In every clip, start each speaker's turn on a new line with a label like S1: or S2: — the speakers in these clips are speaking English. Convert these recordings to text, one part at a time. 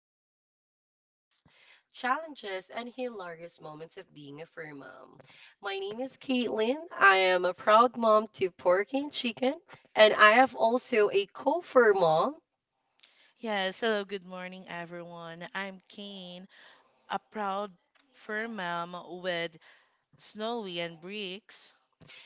S1: celebrate joys, challenges, and hilarious moments of being a fur mom. My name is Caitlin. I am a proud mom to Porky and chicken, and I have also a co-fur mom.
S2: Yes, hello, good morning, everyone. I'm Kane, a proud fur mom with Snowy and Bricks.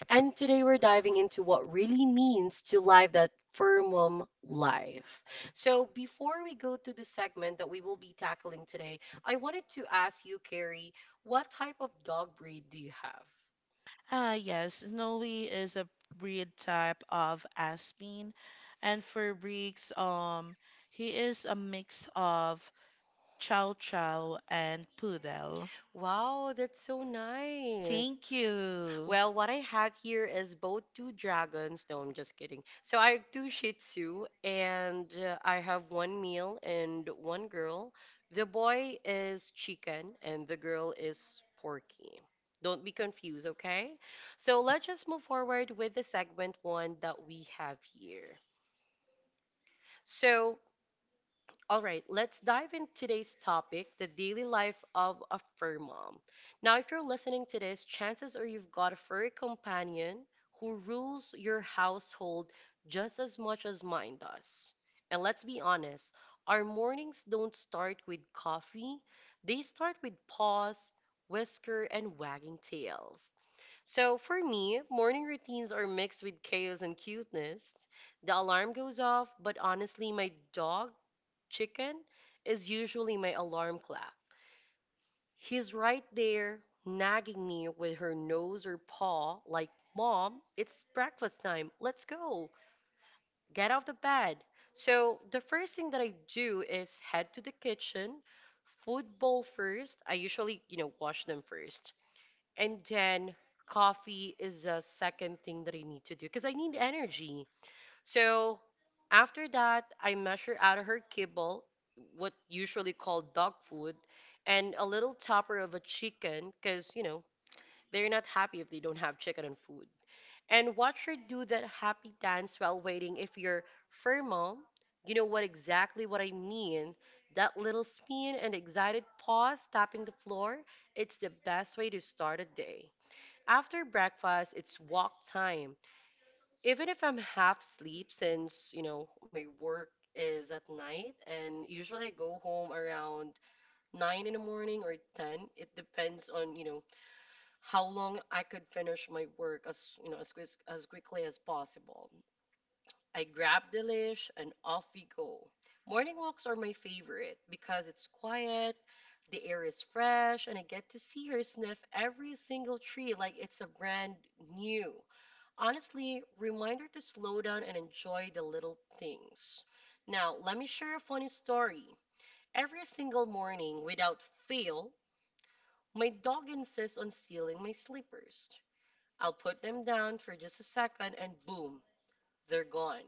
S1: And today we're diving into what really means to live that firmum life. So before we go to the segment that we will be tackling today, I wanted to ask you, Carrie, what type of dog breed do you have?
S2: Ah, yes, Snowy is a breed type of Aspin, and for Bricks, he is a mix of Chow Chow and Poodle.
S1: Wow, that's so nice.
S2: Thank you.
S1: Well, what I have here is both two dragons. No, I'm just kidding. So I have two Shih Tzu, and I have one male and one girl. The boy is Chicken, and the girl is Porky. Don't be confused, okay? So let's just move forward with the segment one that we have here. So all right, let's dive into today's topic, the daily life of a fur mom. Now, if you're listening to this, chances are you've got a furry companion who rules your household just as much as mine does. And let's be honest, our mornings don't start with coffee, they start with paws, whisker, and wagging tails. So, for me, morning routines are mixed with chaos and cuteness. The alarm goes off, but honestly, my dog chicken is usually my alarm clock. He's right there nagging me with her nose or paw, like, "Mom, it's breakfast time. Let's go. Get off the bed." So the first thing that I do is head to the kitchen, food bowl first. I usually, you know, wash them first. And then coffee is a second thing that I need to do because I need energy. So after that, I measure out of her kibble, what usually called dog food, and a little topper of a chicken, because, you know, they're not happy if they don't have chicken and food. And watch her do that happy dance while waiting. If you're fur mom, you know what exactly what I mean. That little spin and excited pause tapping the floor, it's the best way to start a day. After breakfast, it's walk time. Even if I'm half asleep, since, you know, my work is at night, and usually I go home around 9 in the morning or 10. It depends on, you know, how long I could finish my work as, you know, as quick, as quickly as possible. I grab the leash and off we go. Morning walks are my favorite because it's quiet, the air is fresh, and I get to see her sniff every single tree like it's a brand new. Honestly, reminder to slow down and enjoy the little things. Now, let me share a funny story. Every single morning, without fail, my dog insists on stealing my slippers. I'll put them down for just a second and boom, they're gone.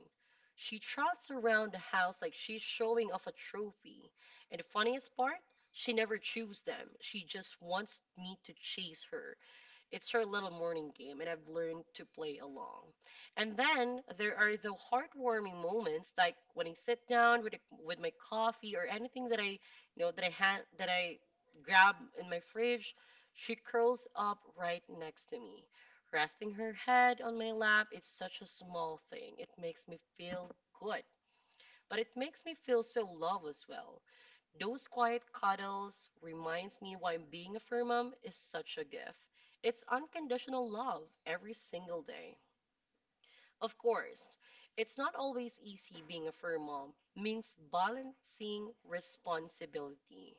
S1: She trots around the house like she's showing off a trophy. And the funniest part, she never chews them. She just wants me to chase her. It's her little morning game, and I've learned to play along. And then there are the heartwarming moments, like when I sit down with a, with my coffee or anything that I had that I grab in my fridge. She curls up right next to me, resting her head on my lap. It's such a small thing. It makes me feel good, but it makes me feel so loved as well. Those quiet cuddles reminds me why being a fur mom is such a gift. It's unconditional love every single day. Of course, it's not always easy being a fur mom means balancing responsibility.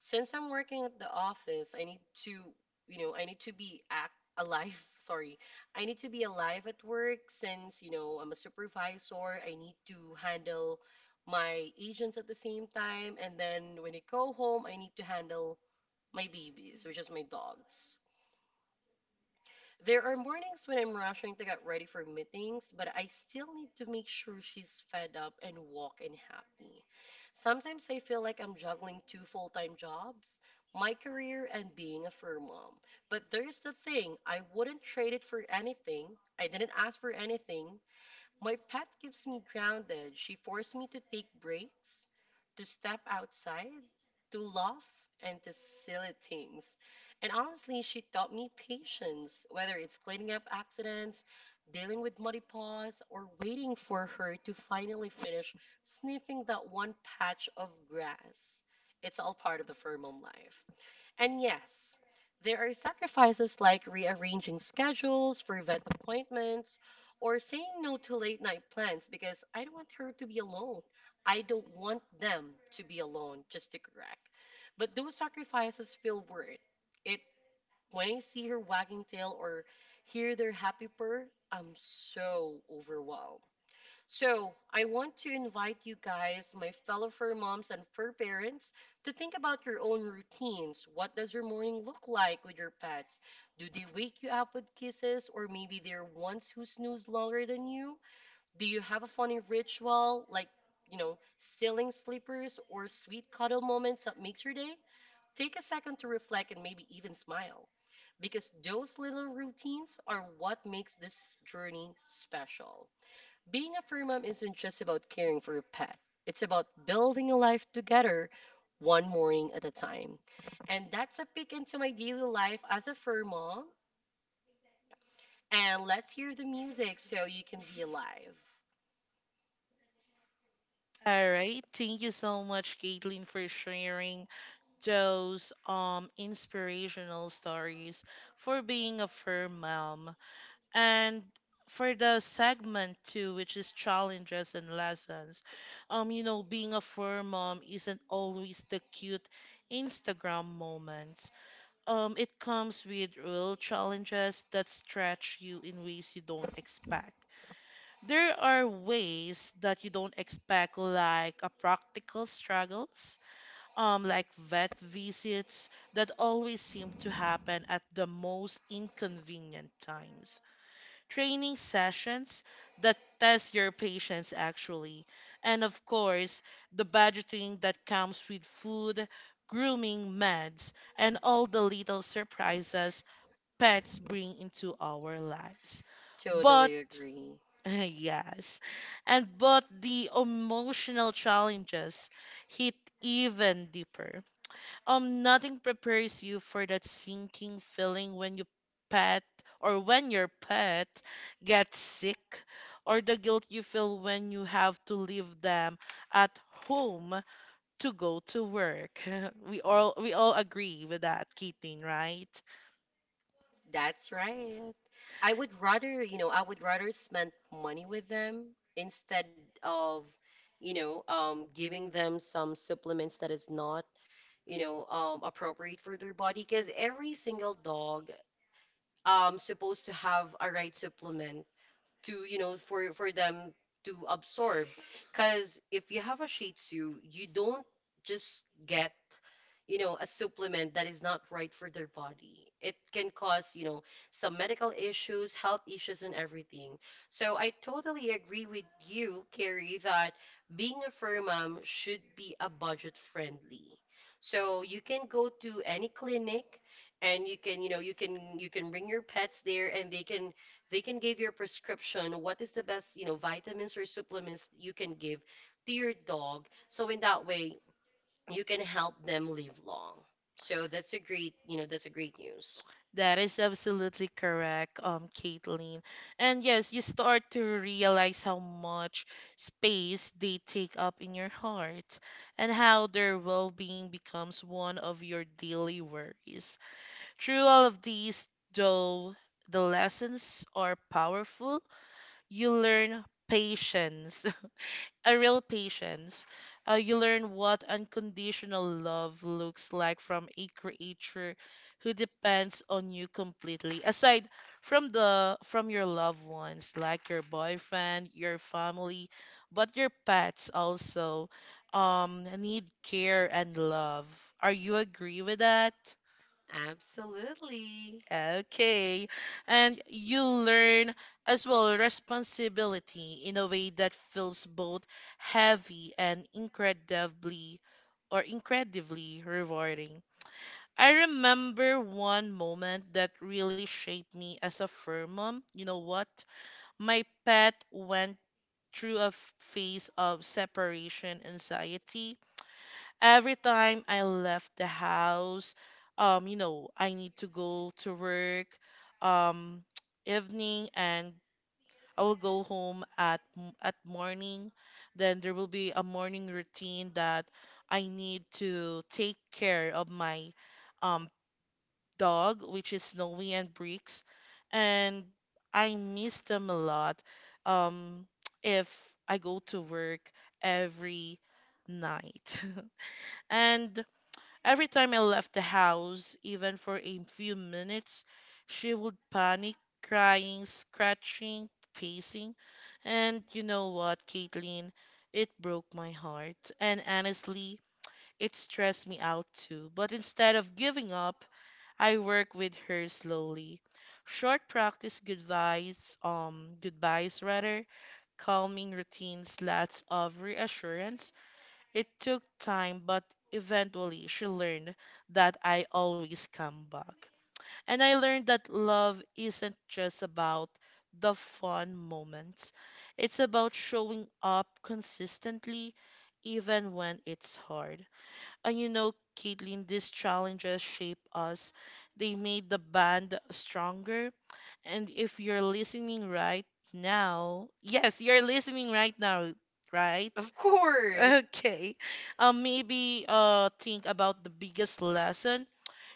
S1: Since I'm working at the office, I need to be act alive. Sorry. I need to be alive at work since, you know, I'm a supervisor. I need to handle my agents at the same time. And then when I go home, I need to handle my babies, which is my dogs. There are mornings when I'm rushing to get ready for meetings, but I still need to make sure she's fed up and walking happy. Sometimes I feel like I'm juggling two full time jobs, my career and being a fur mom. But there's the thing I wouldn't trade it for anything. I didn't ask for anything, my pet keeps me grounded. She forced me to take breaks, to step outside, to laugh, and to silly things. And honestly, she taught me patience, whether it's cleaning up accidents, dealing with muddy paws, or waiting for her to finally finish sniffing that one patch of grass. It's all part of the firm home life. And yes, there are sacrifices like rearranging schedules for vet appointments or saying no to late night plans because I don't want her to be alone. I don't want them to be alone, just to correct. But those sacrifices feel worth it. It- When I see her wagging tail or hear their happy purr, I'm so overwhelmed. So, I want to invite you guys, my fellow fur moms and fur parents, to think about your own routines. What does your morning look like with your pets? Do they wake you up with kisses, or maybe they're ones who snooze longer than you? Do you have a funny ritual, like, you know, stealing sleepers or sweet cuddle moments that makes your day? Take a second to reflect and maybe even smile, because those little routines are what makes this journey special. Being a fur mom isn't just about caring for your pet, it's about building a life together one morning at a time. And that's a peek into my daily life as a fur mom. And let's hear the music so you can be alive.
S2: All right, thank you so much, Caitlin, for sharing those inspirational stories for being a firm mom and for the segment two, which is challenges and lessons. You know, being a firm mom isn't always the cute Instagram moments. It comes with real challenges that stretch you in ways you don't expect. There are ways that you don't expect, like a practical struggles. Like vet visits that always seem to happen at the most inconvenient times, training sessions that test your patience actually, and of course, the budgeting that comes with food, grooming, meds, and all the little surprises pets bring into our lives. But
S1: Totally agree.
S2: yes, and but the emotional challenges hit even deeper. Nothing prepares you for that sinking feeling when you pet or when your pet gets sick, or the guilt you feel when you have to leave them at home to go to work. We all agree with that, Kitin, right?
S1: That's right. I would rather spend money with them instead of, giving them some supplements that is not, appropriate for their body. Because every single dog supposed to have a right supplement to you know for them to absorb, because if you have a shih tzu you don't just get, you know, a supplement that is not right for their body. It can cause, you know, some medical issues, health issues, and everything. So I totally agree with you, Carrie, that being a fur mom should be a budget friendly. So you can go to any clinic and you can, you know, you can bring your pets there and they can give your prescription what is the best, you know, vitamins or supplements you can give to your dog. So in that way, you can help them live long. So that's a great, you know, that's a great news.
S2: That is absolutely correct, Caitlin. And yes, you start to realize how much space they take up in your heart and how their well-being becomes one of your daily worries. Through all of these, though, the lessons are powerful. You learn patience, a real patience. You learn what unconditional love looks like from a creature who depends on you completely. Aside from the from your loved ones, like your boyfriend, your family, but your pets also need care and love. Are you agree with that?
S1: Absolutely.
S2: Okay. And you learn as well responsibility in a way that feels both heavy and incredibly or incredibly rewarding. I remember one moment that really shaped me as a fur mom. You know what? My pet went through a phase of separation anxiety every time I left the house, you know, I need to go to work, um, evening, and I will go home at morning. Then there will be a morning routine that I need to take care of my um dog, which is Snowy and Bricks, and I miss them a lot. Um, if I go to work every night. And every time I left the house, even for a few minutes, she would panic, crying, scratching, pacing. And you know what, Caitlin? It broke my heart. And honestly, it stressed me out too. But instead of giving up, I work with her slowly. Short practice goodbyes, goodbyes rather, calming routines, lots of reassurance. It took time, but eventually she learned that I always come back. And I learned that love isn't just about the fun moments, it's about showing up consistently, even when it's hard. And you know, Caitlin, these challenges shape us, they made the band stronger. And if you're listening right now, yes, you're listening right now, right?
S1: Of course.
S2: Okay. Maybe think about the biggest lesson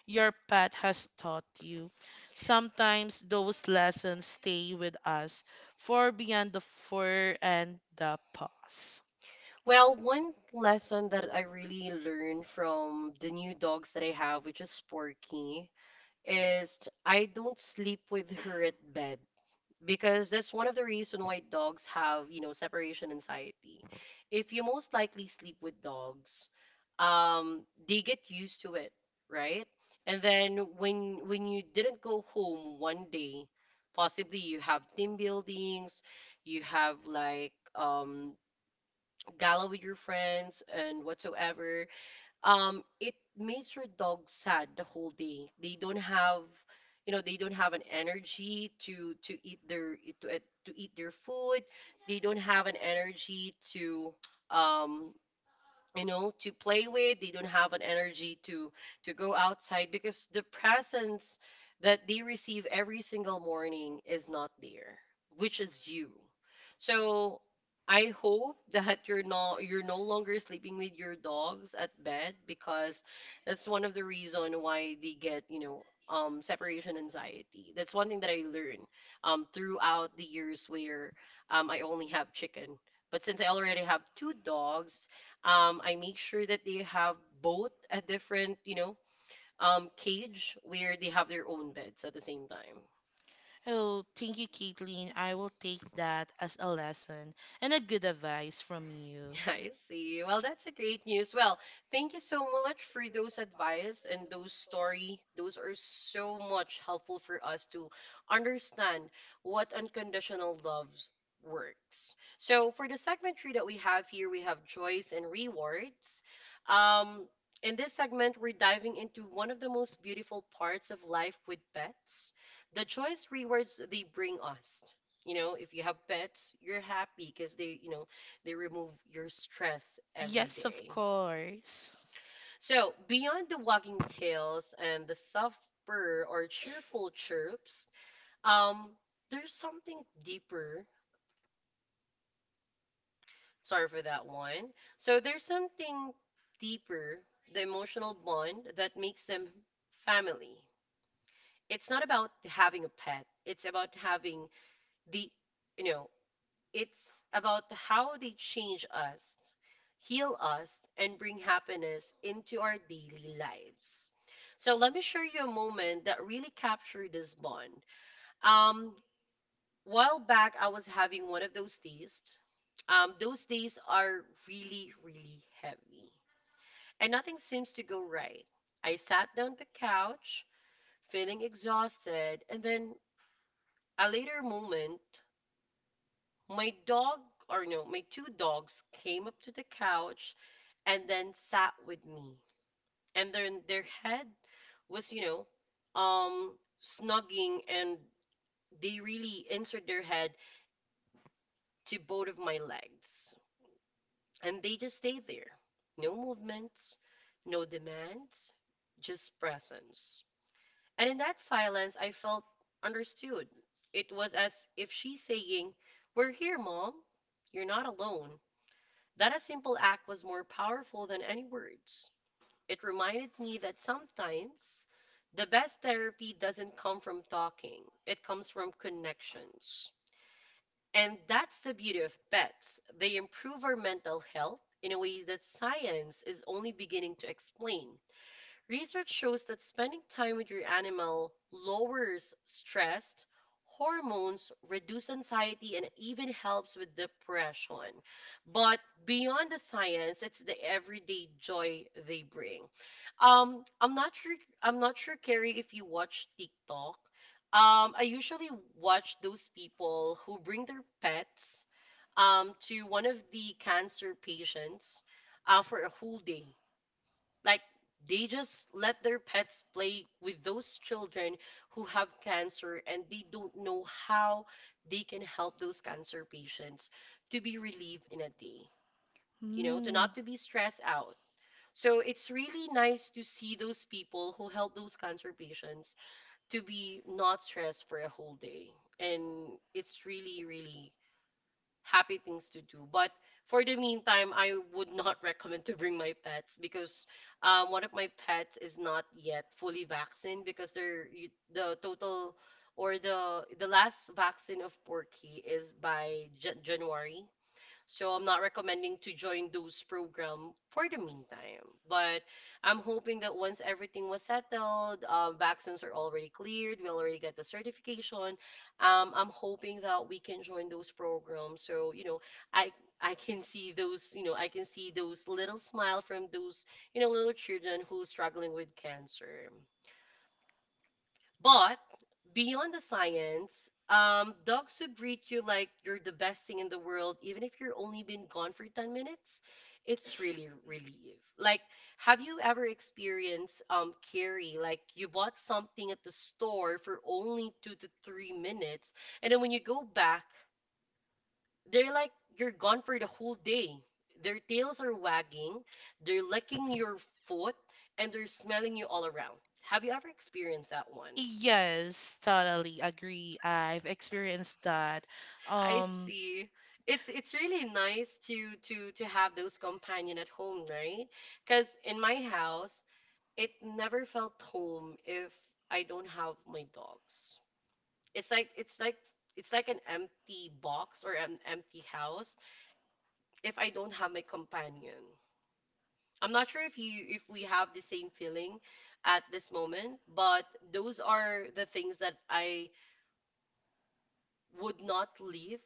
S2: your pet has taught you. Sometimes those lessons stay with us far beyond the fur and the paws.
S1: Well, one lesson that I really learned from the new dogs that I have, which is Sporky, is I don't sleep with her at bed, because that's one of the reason why dogs have, you know, separation anxiety. If you most likely sleep with dogs, um they get used to it, right? And then when you didn't go home one day, possibly you have team buildings, you have like gala with your friends and whatsoever, it makes your dog sad the whole day. They don't have, you know, they don't have an energy to eat their to eat their food, they don't have an energy to, um you know, to play with, they don't have an energy to go outside because the presence that they receive every single morning is not there, which is you. So I hope that you're not, you're no longer sleeping with your dogs at bed, because that's one of the reason why they get, you know, separation anxiety. That's one thing that I learned throughout the years where I only have chicken. But since I already have two dogs, I make sure that they have both a different, you know, cage where they have their own beds at the same time.
S2: Oh, thank you, Caitlin. I will take that as a lesson and a good advice from you.
S1: I see. Well, that's a great news. Well, thank you so much for those advice and those story. Those are so much helpful for us to understand what unconditional love works. So for the segment three that we have here, we have joys and rewards. Um, in this segment, we're diving into one of the most beautiful parts of life with pets, the joys rewards they bring us. You know, if you have pets, you're happy because they, you know, they remove your stress every
S2: Yes, of
S1: day.
S2: course.
S1: So, beyond the wagging tails and the soft purr or cheerful chirps, um, there's something deeper. Sorry for that one. So, there's something deeper, the emotional bond that makes them family. It's not about having a pet, it's about having the, you know, it's about how they change us, heal us, and bring happiness into our daily lives. So let me share you a moment that really captured this bond. Um, while back, I was having one of those days. Those days are really, really heavy, and nothing seems to go right. I sat down on the couch, feeling exhausted, and then a later moment my dog, or no, my two dogs came up to the couch and then sat with me. And then their head was, snugging and they really inserted their head to both of my legs. And they just stayed there. No movements, no demands, just presence. And in that silence, I felt understood. It was as if she's saying, "We're here, Mom. You're not alone." That a simple act was more powerful than any words. It reminded me that sometimes the best therapy doesn't come from talking, it comes from connections. And that's the beauty of pets. They improve our mental health in a way that science is only beginning to explain. Research shows that spending time with your animal lowers stress hormones, reduce anxiety, and even helps with depression. But beyond the science, it's the everyday joy they bring. Um, I'm not sure. I'm not sure, Carrie, if you watch TikTok. I usually watch those people who bring their pets to one of the cancer patients for a whole day. Like they just let their pets play with those children who have cancer and they don't know how they can help those cancer patients to be relieved in a day, you know, to
S2: Hmm.
S1: not to be stressed out. So it's really nice to see those people who help those cancer patients to be not stressed for a whole day. And it's really, really happy things to do. But for the meantime, I would not recommend to bring my pets because one of my pets is not yet fully vaccinated because the total or the last vaccine of Porky is by January. So I'm not recommending to join those program for the meantime. But I'm hoping that once everything was settled, vaccines are already cleared, we already got the certification. I'm hoping that we can join those programs. So you know, I I can see those. I can see those little smile from those little children who's struggling with cancer. But beyond the science, dogs who greet you like you're the best thing in the world, even if you're only been gone for 10 minutes, it's really relief. Like, have you ever experienced carry like you bought something at the store for only 2 to 3 minutes, and then when you go back, they're like you're gone for the whole day. Their tails are wagging, they're licking your foot, and they're smelling you all around. Have you ever experienced that one?
S2: Yes, totally agree. I've experienced that.
S1: I
S2: Um,
S1: see. It's really nice to to have those companion at home, right? Because in my house, it never felt home if I don't have my dogs. It's like it's like it's like an empty box or an empty house if I don't have my companion. I'm not sure if you if we have the same feeling at this moment, but those are the things that I would not leave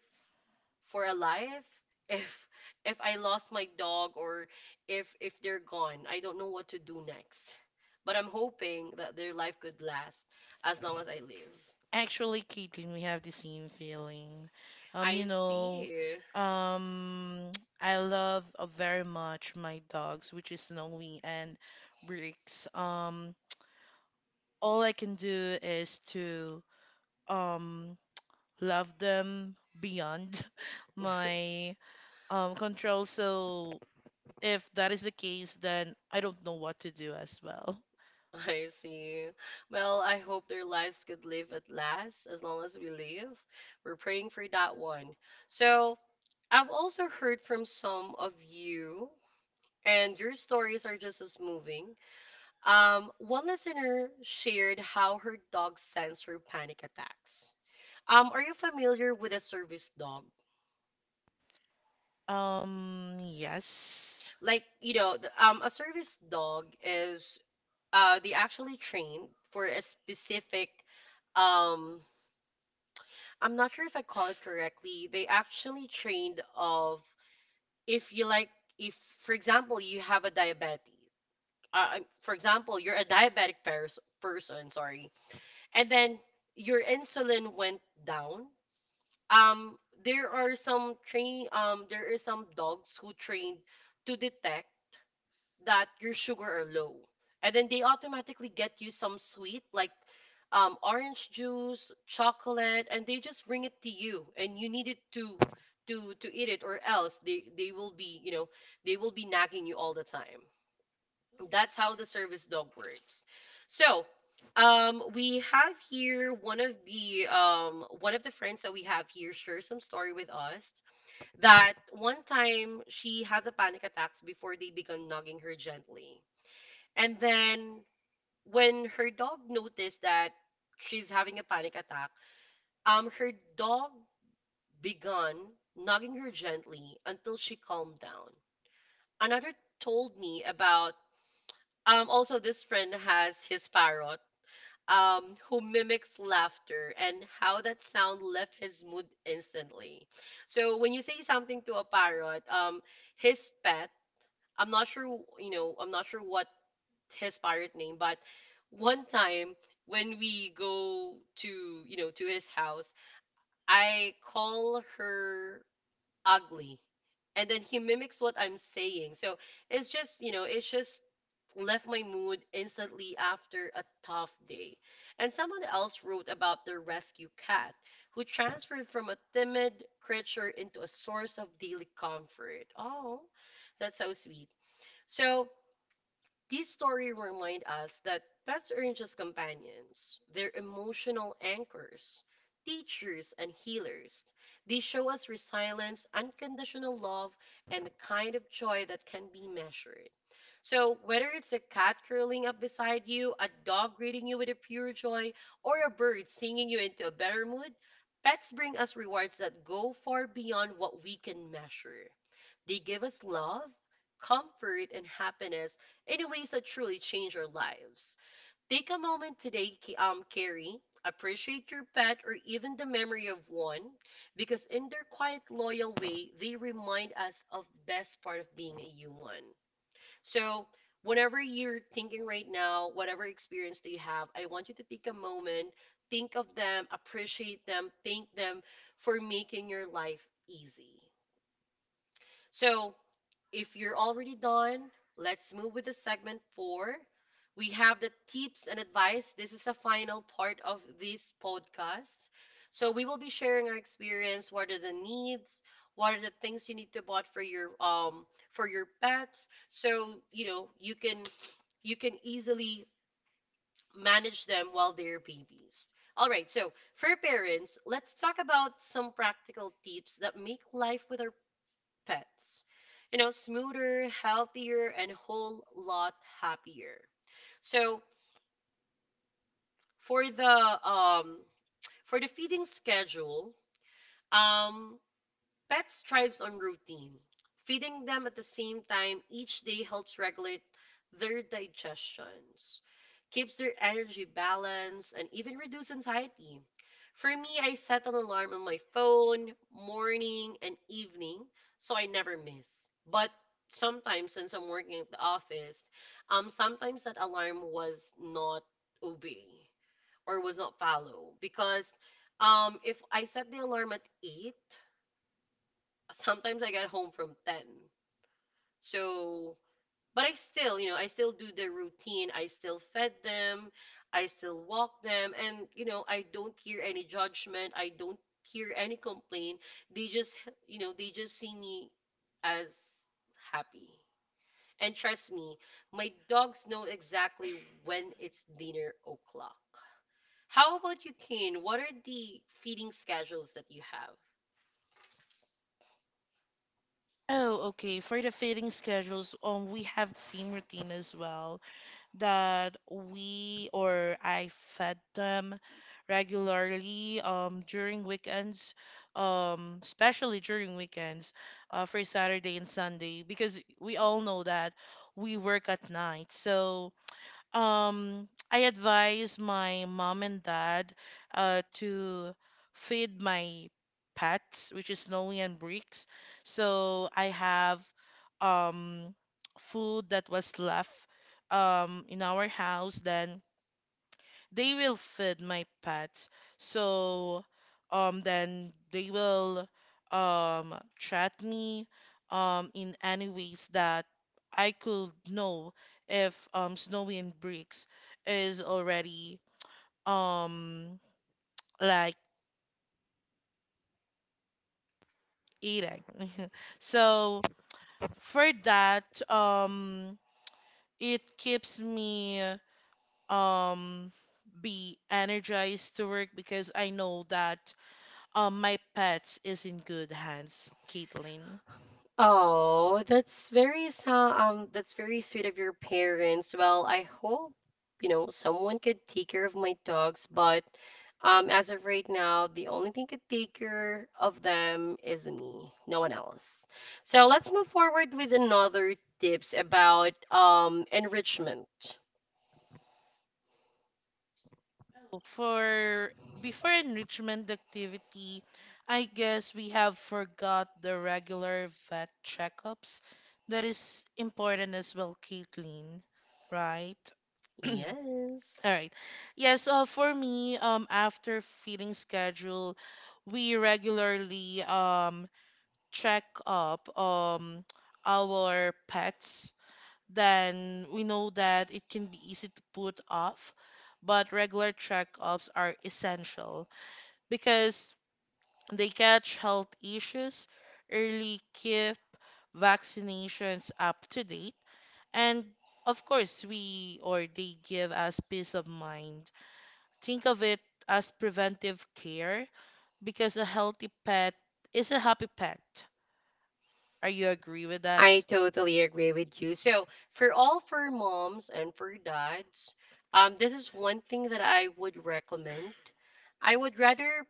S1: for a life if if I lost my dog or if they're gone. I don't know what to do next. But I'm hoping that their life could last as long as I live.
S2: actually, Caitlin, we have the same feeling.
S1: I
S2: You know,
S1: see.
S2: um, I love very much my dogs, which is Snowy and Bricks. All I can do is to um love them beyond my control. So if that is the case, then I don't know what to do as well.
S1: I see. Well, I hope their lives could live at last as long as we live. We're praying for that one. So, I've also heard from some of you, and your stories are just as moving. One listener shared how her dog sends her panic attacks. Are you familiar with a service dog?
S2: Yes.
S1: Like, you know, a service dog is they actually train for a specific um I'm not sure if I call it correctly. They actually trained of if you like if for example you have a diabetic for example you're a diabetic person, sorry, and then your insulin went down. um there are some train there are some dogs who trained to detect that your sugar are low. And then they automatically get you some sweet, like orange juice, chocolate, and they just bring it to you, and you need it to to eat it, or else they will be, you know, they will be nagging you all the time. That's how the service dog works. So, we have here one of the one of the friends that we have here share some story with us that one time she has a panic attacks before they began nagging her gently. And then when her dog noticed that she's having a panic attack, her dog began nugging her gently until she calmed down. Another told me about also this friend has his parrot who mimics laughter and how that sound left his mood instantly. So when you say something to a parrot, his pet, I'm not sure what his pirate name, but one time when we go to, you know, to his house, I call her ugly. And then he mimics what I'm saying. So it's just, you know, it's just left my mood instantly after a tough day. And someone else wrote about their rescue cat who transferred from a timid creature into a source of daily comfort. Oh, that's so sweet. So, these stories remind us that pets aren't just companions, they're emotional anchors, teachers, and healers. They show us resilience, unconditional love, and the kind of joy that can be measured. So, whether it's a cat curling up beside you, a dog greeting you with a pure joy, or a bird singing you into a better mood, pets bring us rewards that go far beyond what we can measure. They give us love, comfort, and happiness in ways that truly change our lives. Take a moment today, Carrie. Appreciate your pet or even the memory of one, because in their quiet, loyal way, they remind us of best part of being a human. So, whenever you're thinking right now, whatever experience that you have, I want you to take a moment, think of them, appreciate them, thank them for making your life easy. So, if you're already done, let's move with the segment four. We have the tips and advice. This is the final part of this podcast. So we will be sharing our experience. What are the needs? What are the things you need to bought for your pets? So you know you can easily manage them while they're babies. All right, so for parents, let's talk about some practical tips that make life with our pets. You know, smoother, healthier, and whole lot happier. So for the um for the feeding schedule, um pets thrives on routine. Feeding them at the same time each day helps regulate their digestions, keeps their energy balanced, and even reduce anxiety. For me, I set an alarm on my phone, morning and evening, so I never miss. But sometimes, since I'm working at the office, sometimes that alarm was not obey or was not follow because if I set the alarm at 8, sometimes I get home from 10. So, but I still, you know, I still do the routine. I still fed them. I still walk them. And, you know, I don't hear any judgment. I don't hear any complaint. They just, you know, they just see me as happy. And trust me, my dogs know exactly when it's dinner o'clock. How about you, Kane? What are the feeding schedules that you have?
S2: Oh, okay. For the fitting schedules, we have the same routine as well that we or I fed them regularly during weekends, especially during weekends, for Saturday and Sunday because we all know that we work at night. So, I advise my mom and dad to feed my pets, which is Snowy and Bricks. So I have um food that was left in our house, then they will feed my pets. So then they will chat me in any ways that I could know if Snowy and Bricks is already um like eating. So for that, it keeps me um be energized to work because I know that my pets is in good hands, Caitlin.
S1: Oh, that's that's very sweet of your parents. Well, I hope, you know, someone could take care of my dogs, but as of right now, the only thing could take care of them is me, no one else. So let's move forward with another tips about enrichment.
S2: For before enrichment activity, I guess we have forgot the regular vet checkups. That is important as well, Caitlin, right? All
S1: Yes.
S2: right. Yes, for me, after feeding schedule, we regularly check up our pets, then we know that it can be easy to put off, but regular checkups are essential because they catch health issues early, keep vaccinations up to date, and of course, we or they give us peace of mind. Think of it as preventive care because a healthy pet is a happy pet. Are you agree with that?
S1: I totally agree with you. So, for moms and for dads, this is one thing that I would recommend. I would rather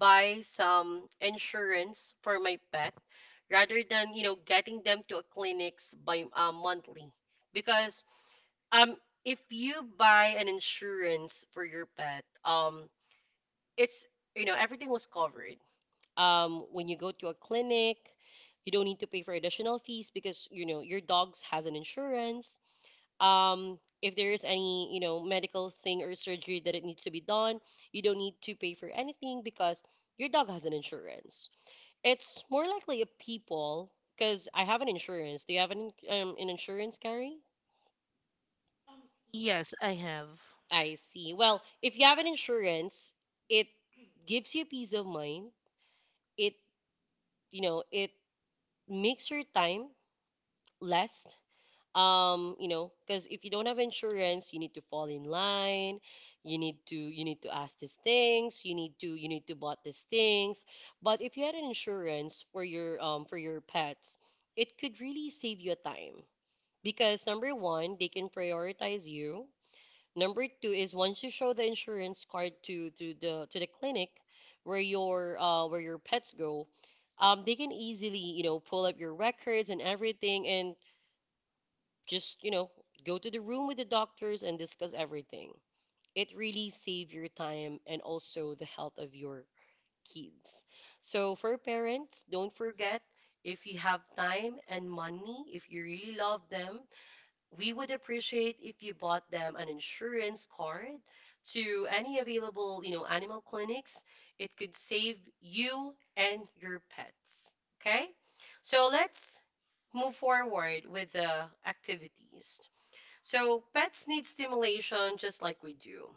S1: buy some insurance for my pet rather than, you know, getting them to a clinics by monthly. Because um if you buy an insurance for your pet, it's, you know, everything was covered, when you go to a clinic you don't need to pay for additional fees because, you know, your dog's has an insurance. Um, if there is any, you know, medical thing or surgery that it needs to be done, you don't need to pay for anything because your dog has an insurance. It's more likely a people because I have an insurance. Do you have an, an insurance, Gary?
S2: Yes, I have.
S1: I see. Well, if you have an insurance, it gives you peace of mind. It, it makes your time less, you know, because if you don't have insurance you need to fall in line. You need to ask these things, you need to bought these things. But if you had an insurance for your pets, it could really save you time because number one, they can prioritize you. Number two is, once you show the insurance card to the clinic where your pets go, they can easily, you know, pull up your records and everything. And just, you know, go to the room with the doctors and discuss everything. It really save your time and also the health of your kids. So for parents, don't forget, if you have time and money, if you really love them, we would appreciate if you bought them an insurance card to any available, you know, animal clinics. It could save you and your pets. Okay? So let's move forward with the activities. So pets need stimulation just like we do.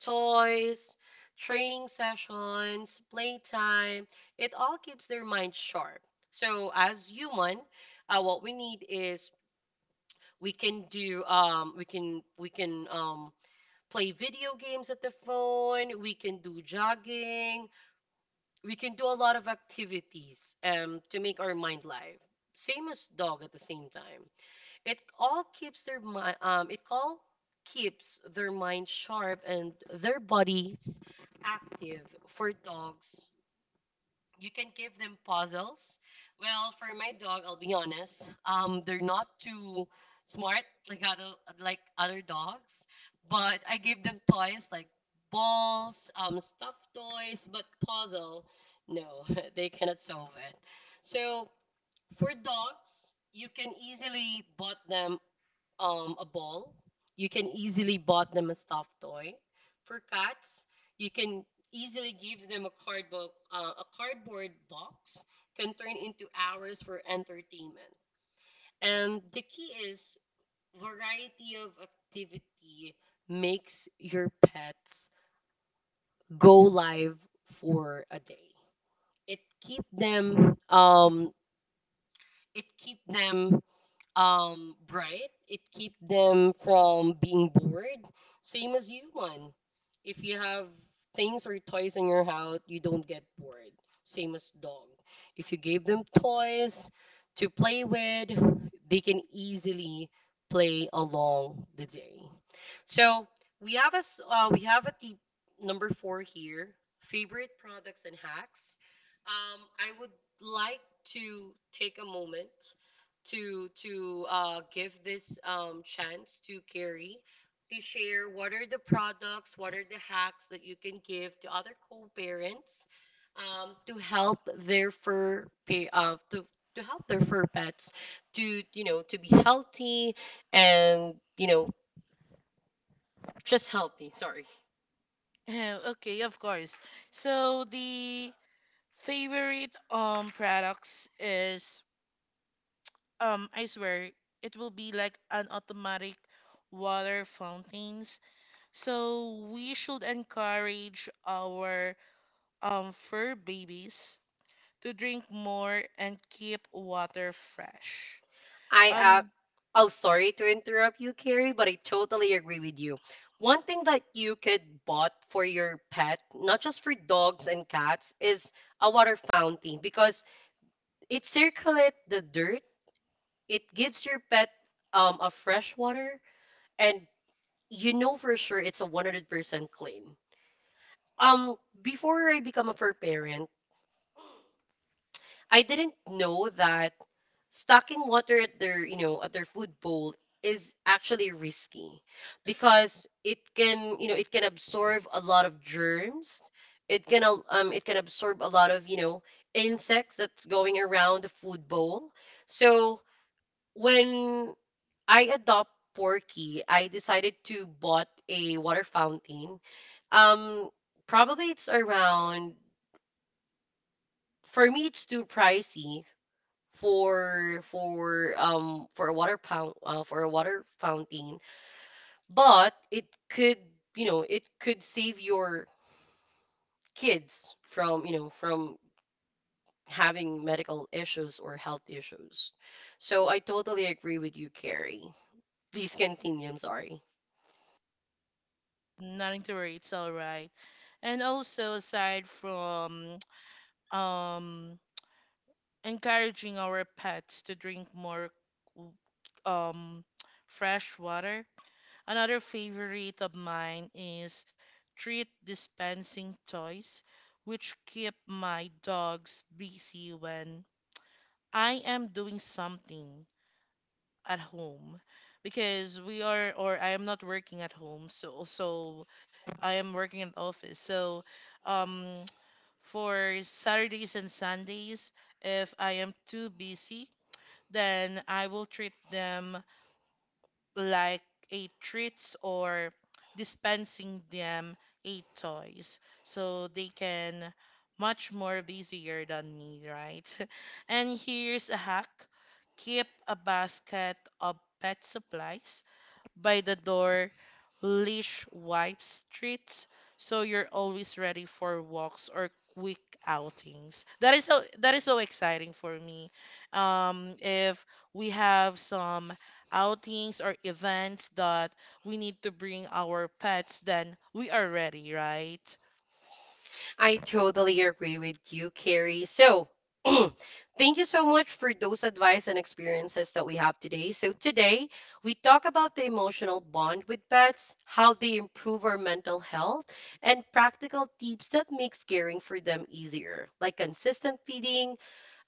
S1: Toys, training sessions, playtime, it all keeps their mind sharp. So as human, what we need is, we can do we can play video games at the phone, we can do jogging, we can do a lot of activities to make our mind live. Same as dog at the same time. It all keeps their mind it all keeps their mind sharp and their bodies active. For dogs, you can give them puzzles. Well, for my dog, I'll be honest, they're not too smart like other like other dogs, but I give them toys like balls, stuffed toys, but puzzle, no, they cannot solve it. So, for dogs, you can easily bought them a ball. You can easily bought them a stuffed toy. For cats, you can easily give them a cardboard box can turn into hours for entertainment. And the key is variety of activity makes your pets go live for a day. It keep them it keep them bright. It keep them from being bored. Same as human. If you have things or toys in your house, you don't get bored. Same as dog. If you gave them toys to play with, they can easily play along the day. So we have a we have a tip number four here. Favorite products and hacks. I would like to take a moment to give this, chance to Carrie to share what are the products, what are the hacks that you can give to other co-parents, to help their to help their fur pets to, you know, to be healthy and, you know, just healthy, sorry.
S2: Oh, okay, of course. So the favorite products is I swear it will be like an automatic water fountains. So we should encourage our fur babies to drink more and keep water fresh.
S1: I
S2: And
S1: Oh, sorry to interrupt you, Carrie, but I totally agree with you. One thing that you could bought for your pet, not just for dogs and cats, is a water fountain because it circulates the dirt. It gives your pet a fresh water, and you know for sure it's a 100% clean. Um, Before I become a fur parent, I didn't know that stocking water at their, you know, at their food bowl is actually risky because it can, you know, it can absorb a lot of germs. It can it can absorb a lot of, you know, insects that's going around the food bowl. So when I adopt Porky, I decided to bought a water fountain. um Probably it's around, for me it's too pricey, for for a water pound, for a water fountain, but it could, you know, it could save your kids from, you know, from having medical issues or health issues. So I totally agree with you, Carrie, please continue, I'm sorry.
S2: nothing to worry, it's all right. And also aside from um encouraging our pets to drink more w- um, fresh water. Another favorite of mine is treat dispensing toys, which keep my dogs busy when I am doing something at home because we are or I am not working at home, so I am working in office. So um for Saturdays and Sundays, if I am too busy, then I will treat them like a treats or dispensing them a toys, so they can much more busier than me, right? And here's a hack. Keep a basket of pet supplies by the door, leash wiped streets, so you're always ready for walks or quick outings. That is so exciting for me. If we have some outings or events that we need to bring our pets, then we are ready, right?
S1: I totally agree with you, Carrie. So, thank you so much for those advice and experiences that we have today. So, today we talk about the emotional bond with pets, how they improve our mental health, and practical tips that makes caring for them easier, like consistent feeding,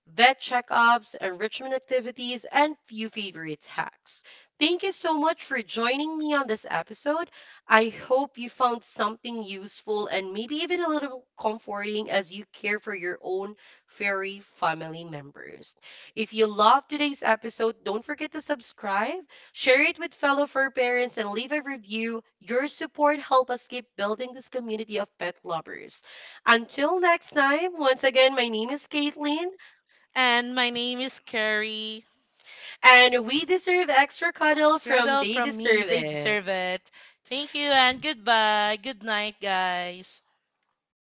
S1: vet checkups, enrichment activities, and few favorite hacks. Thank you so much for joining me on this episode. I hope you found something useful and maybe even a little comforting as you care for your own furry family members. If you loved today's episode, don't forget to subscribe, share it with fellow fur parents, and leave a review. Your support helps us keep building this community of pet lovers. Until next time, once again, my name is Caitlin.
S2: And my name is Carrie.
S1: And we deserve extra cuddle from
S2: Rather
S1: they
S2: from me,
S1: deserve
S2: they
S1: it.
S2: deserve it. Thank you and goodbye. Good night, guys.